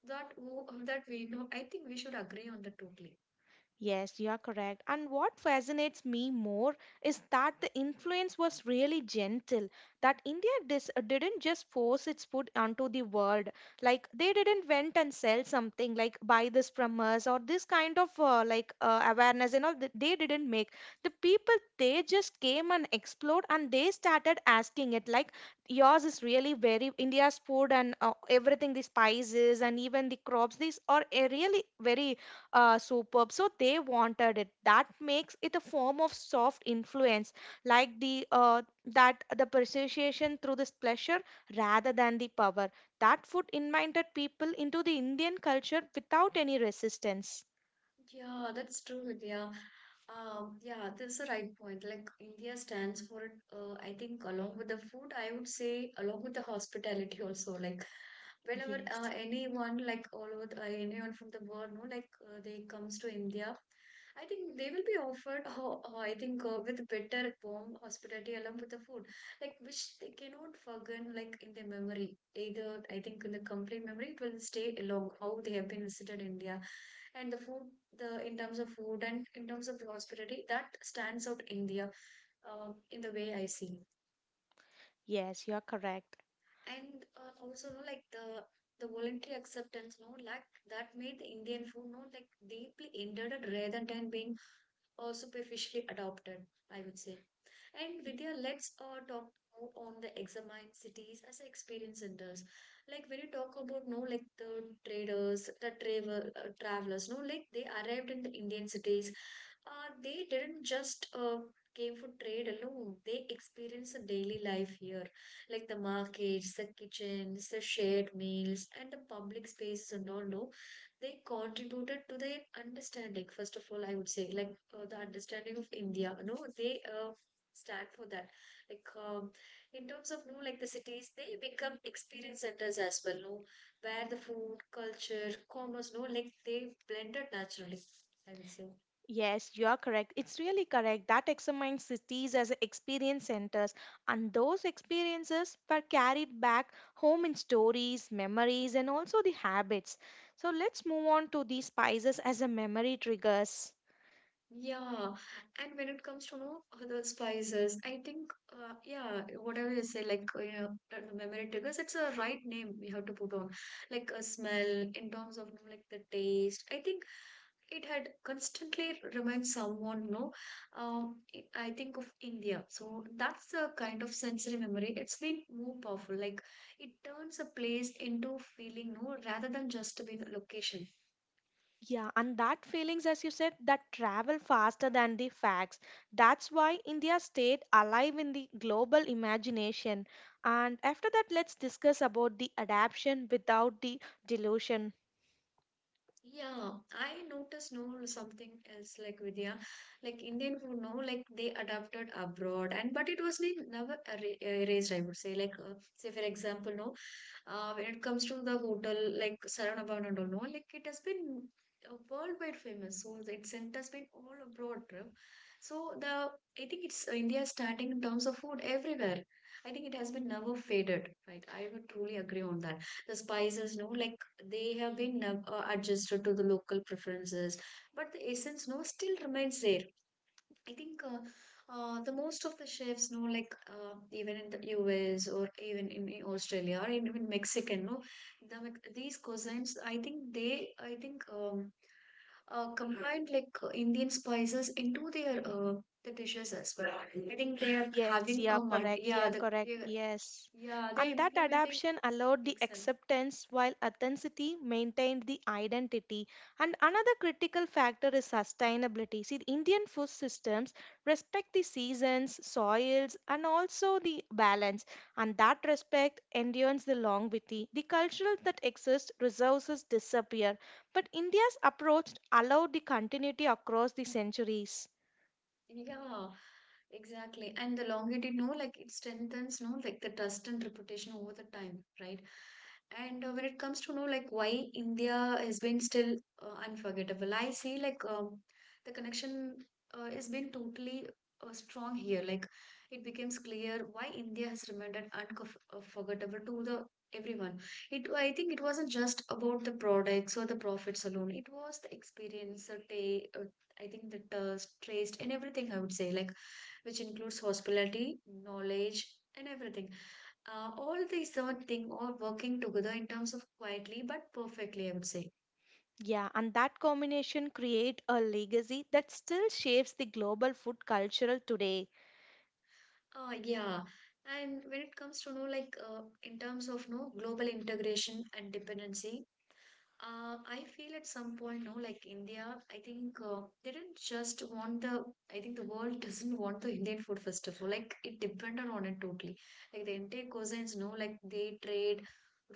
S1: That we know. I think we should agree on that totally.
S2: Yes, you are correct. And what fascinates me more is that the influence was really gentle. That India didn't just force its food onto the world. Like they didn't went and sell something like buy this from us or this kind of awareness and all. They didn't make the people. They just came and explored and they started asking it like yours is really very India's food and everything, the spices and even the crops. These are really very superb. So they wanted it. That makes it a form of soft influence, like the persuasion through this pleasure rather than the power. That food invited people into the Indian culture without any resistance.
S1: Yeah, that's true, Vidya. Yeah, that's the right point. Like India stands for it, I think, along with the food, I would say, along with the hospitality also. Like whenever
S2: Yes.
S1: anyone, like all over the, anyone from the world, no, like they comes to India, I think they will be offered, I think, with better warm hospitality along with the food, like which they cannot forget, like in their memory. Either I think in the complete memory, it will stay along how they have been visited India and the food, the in terms of food and in terms of the hospitality that stands out India in the way I see.
S2: Yes, you are correct.
S1: And also, no, like the voluntary acceptance, no, like that made the Indian food, no, like deeply embedded rather than being superficially adopted, I would say. And Vidya, let's talk more on the examine cities as experience centers. Like when you talk about no, like the traders, the travelers, no, like they arrived in the Indian cities. They didn't just came for trade alone. They experienced the daily life here, like the markets, the kitchens, the shared meals, and the public spaces and all. No, they contributed to their understanding. First of all, I would say like the understanding of India. No, they stand for that like in terms of no like the cities they become experience centers as well, no, where the food culture commerce, no, like they blended naturally, I will say.
S2: Yes, you are correct. It's really correct that examines cities as experience centers, and those experiences were carried back home in stories, memories, and also the habits. So let's move on to the spices as a memory triggers.
S1: Yeah, and when it comes to no other spices, I think yeah, whatever you say, like you know that the memory triggers, it's a right name we have to put on, like a smell in terms of no, like the taste, I think it had constantly remind someone, no, I think of India. So that's the kind of sensory memory, it's been more powerful. Like it turns a place into feeling, no, rather than just being a location.
S2: Yeah, and that feelings, as you said, that travel faster than the facts. That's why India stayed alive in the global imagination. And after that, let's discuss about the adaptation without the delusion.
S1: Yeah, I noticed, no, something else like Vidya, like Indian food, no, like they adapted abroad and but it was never erased, I would say. Like say for example, no, when it comes to the hotel like Saravanan and all, no, like it has been worldwide famous. So its scent has been all abroad. Bro. So the, I think it's India starting in terms of food everywhere. I think it has been never faded, right? I would truly agree on that. The spices, no, like they have been adjusted to the local preferences, but the essence, no, still remains there. I think the most of the chefs know, like even in the US or even in Australia or in Mexican, no, the, these cuisines. I think they, I think, combined like Indian spices into their the dishes as well. I think they are
S2: Yes,
S1: having
S2: yeah,
S1: a mult.
S2: correct.
S1: Yeah,
S2: Yeah,
S1: the
S2: correct.
S1: yeah,
S2: Yes.
S1: yeah, they're
S2: And that
S1: implementing
S2: adaptation allowed the
S1: Excel.
S2: acceptance while authenticity maintained the identity. And another critical factor is sustainability. See, the Indian food systems respect the seasons, soils, and also the balance. And that respect endures the longevity. The cultural that exists, resources disappear. But India's approach allowed the continuity across the centuries.
S1: Yeah, exactly. And the longer it know, like it strengthens, no, like the trust and reputation over the time, right? And when it comes to know, like why India has been still unforgettable, I see like the connection has been totally strong here. Like it becomes clear why India has remained unforgettable to the everyone. It, I think it wasn't just about the products or the profits alone. It was the experience, the day, I think that traced in everything, I would say, like which includes hospitality, knowledge, and everything. All these third thing all working together in terms of quietly but perfectly, I would say.
S2: Yeah, and that combination create a legacy that still shapes the global food cultural today.
S1: Yeah, and when it comes to know like in terms of no global integration and dependency, I feel at some point no like India, I think they didn't just want the, I think the world doesn't want the Indian food first of all, like it depended on it totally. Like the entire cuisines, no, like they trade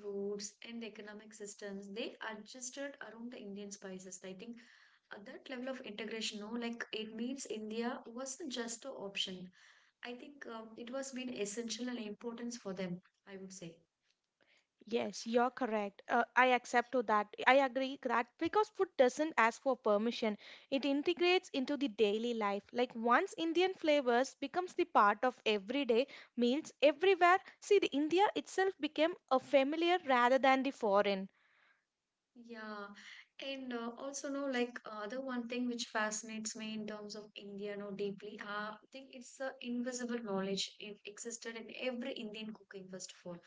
S1: routes and the economic systems they adjusted around the Indian spices. I think at that level of integration, no, like it means India wasn't just an option. I think it was been essential and importance for them, I would say.
S2: Yes, you're correct. I accept to that. I agree that because food doesn't ask for permission, it integrates into the daily life. Like once Indian flavors becomes the part of everyday meals everywhere. See, the India itself became a familiar rather than the foreign.
S1: Yeah, and also no like the one thing which fascinates me in terms of India no deeply. I think it's the invisible knowledge it existed in every Indian cooking first of all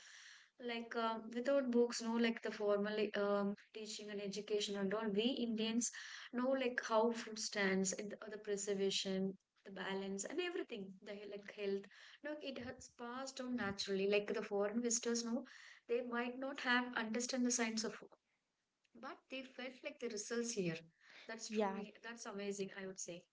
S1: like without books no like the formal teaching and education and all we Indians know like how food stands and the preservation, the balance and everything, like health no it has passed on naturally. Like the foreign visitors no, they might not have understand the science of, but they felt like the results here. That's
S2: Yeah.
S1: truly, that's amazing, I would say.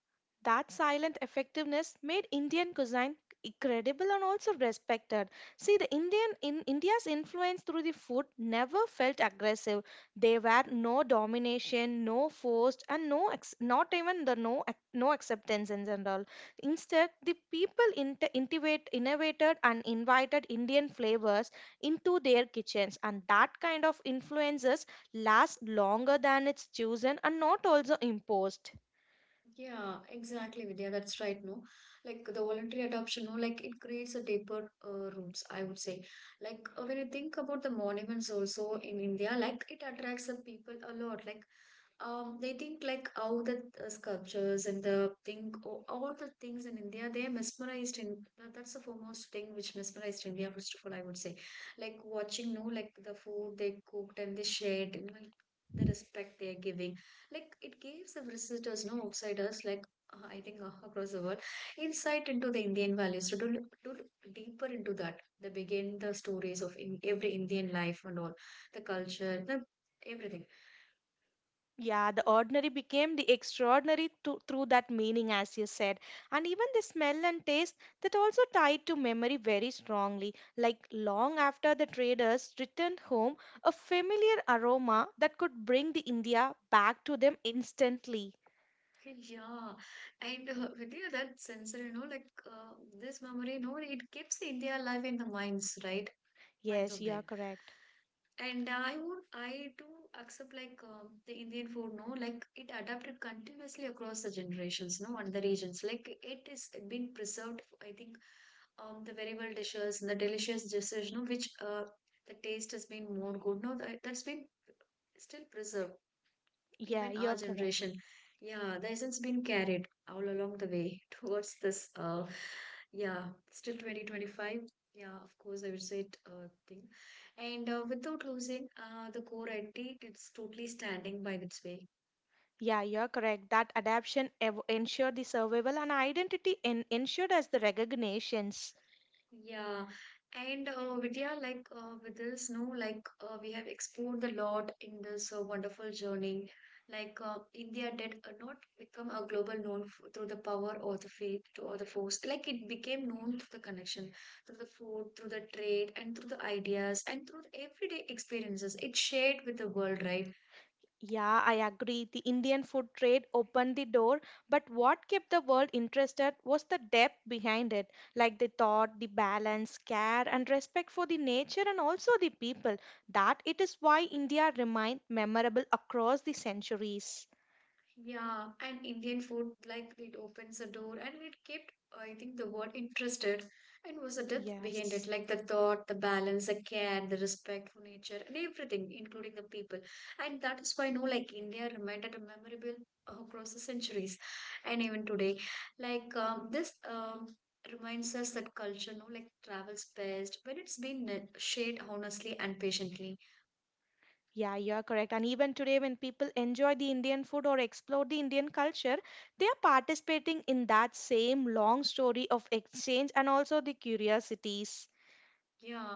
S2: That silent effectiveness made Indian cuisine credible and also respected. See, the Indian in India's influence through the food never felt aggressive. There were no domination, no forced, and not even the no ac- no acceptance in general. Instead, the people innovated and invited Indian flavors into their kitchens, and that kind of influences last longer than it's chosen and not also imposed.
S1: Yeah, exactly, Vidya. That's right, no? Like the voluntary adoption, no? Like it creates a deeper roots, I would say. Like when you think about the monuments also in India, like it attracts the people a lot. Like they think like all the sculptures and the thing, all the things in India, they are mesmerized. That's the foremost thing which mesmerized India, first of all, I would say. Like watching, no, like the food they cooked and they shared, and like the respect they are giving. Like it gives the visitors, no outsiders, like I think across the world, insight into the Indian values to do, to look deeper into that. They begin the stories of in every Indian life and all, the culture, the everything.
S2: Yeah, the ordinary became the extraordinary to, through that meaning, as you said. And even the smell and taste that also tied to memory very strongly. Like long after the traders returned home, a familiar aroma that could bring the India back to them instantly.
S1: Okay. Yeah, and Vidya, that sensor, like this memory, it keeps India alive in the minds, right? Minds
S2: Yes,
S1: of
S2: you
S1: them.
S2: are correct.
S1: And I do accept like the Indian food, no, like it adapted continuously across the generations, no, and the regions. Like it is been preserved, I think, the variable dishes and the delicious dishes, no, which the taste has been more good, no, that's been still preserved
S2: Yeah,
S1: even
S2: you
S1: our
S2: are correct.
S1: generation. Yeah, the essence been carried all along the way towards this yeah Still 2025, yeah, of course, I would say it thing. And without losing the core identity, it's totally standing by its way.
S2: Yeah, you're correct. That adaptation ensured the survival and identity ensured as the recognitions.
S1: Yeah, and Vidya, like with this, no, like we have explored a lot in this wonderful journey. Like India did not become a global known f through the power or the faith to, or the force. Like it became known through the connection, through the food, through the trade, and through the ideas, and through the everyday experiences it shared with the world, right?
S2: Yeah, I agree. The Indian food trade opened the door, but what kept the world interested was the depth behind it, like the thought, the balance, care, and respect for the nature and also the people. That it is why India remained memorable across the centuries.
S1: Yeah, and Indian food, like it opens a door and it kept, I think the word interested and was a depth behind it,
S2: Yes.
S1: like the thought, the balance, the care, the respect for nature and everything, including the people. And that is why, no, like India remained at a memorable across the centuries and even today. Like this reminds us that culture, no, like travels best when it's been shaped honestly and patiently.
S2: Yeah, you are correct. And even today, when people enjoy the Indian food or explore the Indian culture, they are participating in that same long story of exchange and also the curiosities.
S1: Yeah.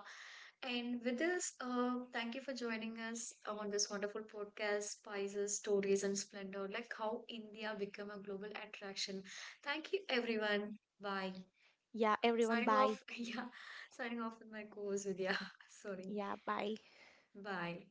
S1: And with this, thank you for joining us on this wonderful podcast, Spices, Stories, and Splendor, like how India become a global attraction. Thank you, everyone. Bye.
S2: Yeah, everyone,
S1: Signing
S2: bye.
S1: off. Yeah, signing off with my co-host Vidya. Sorry.
S2: Yeah, bye.
S1: Bye.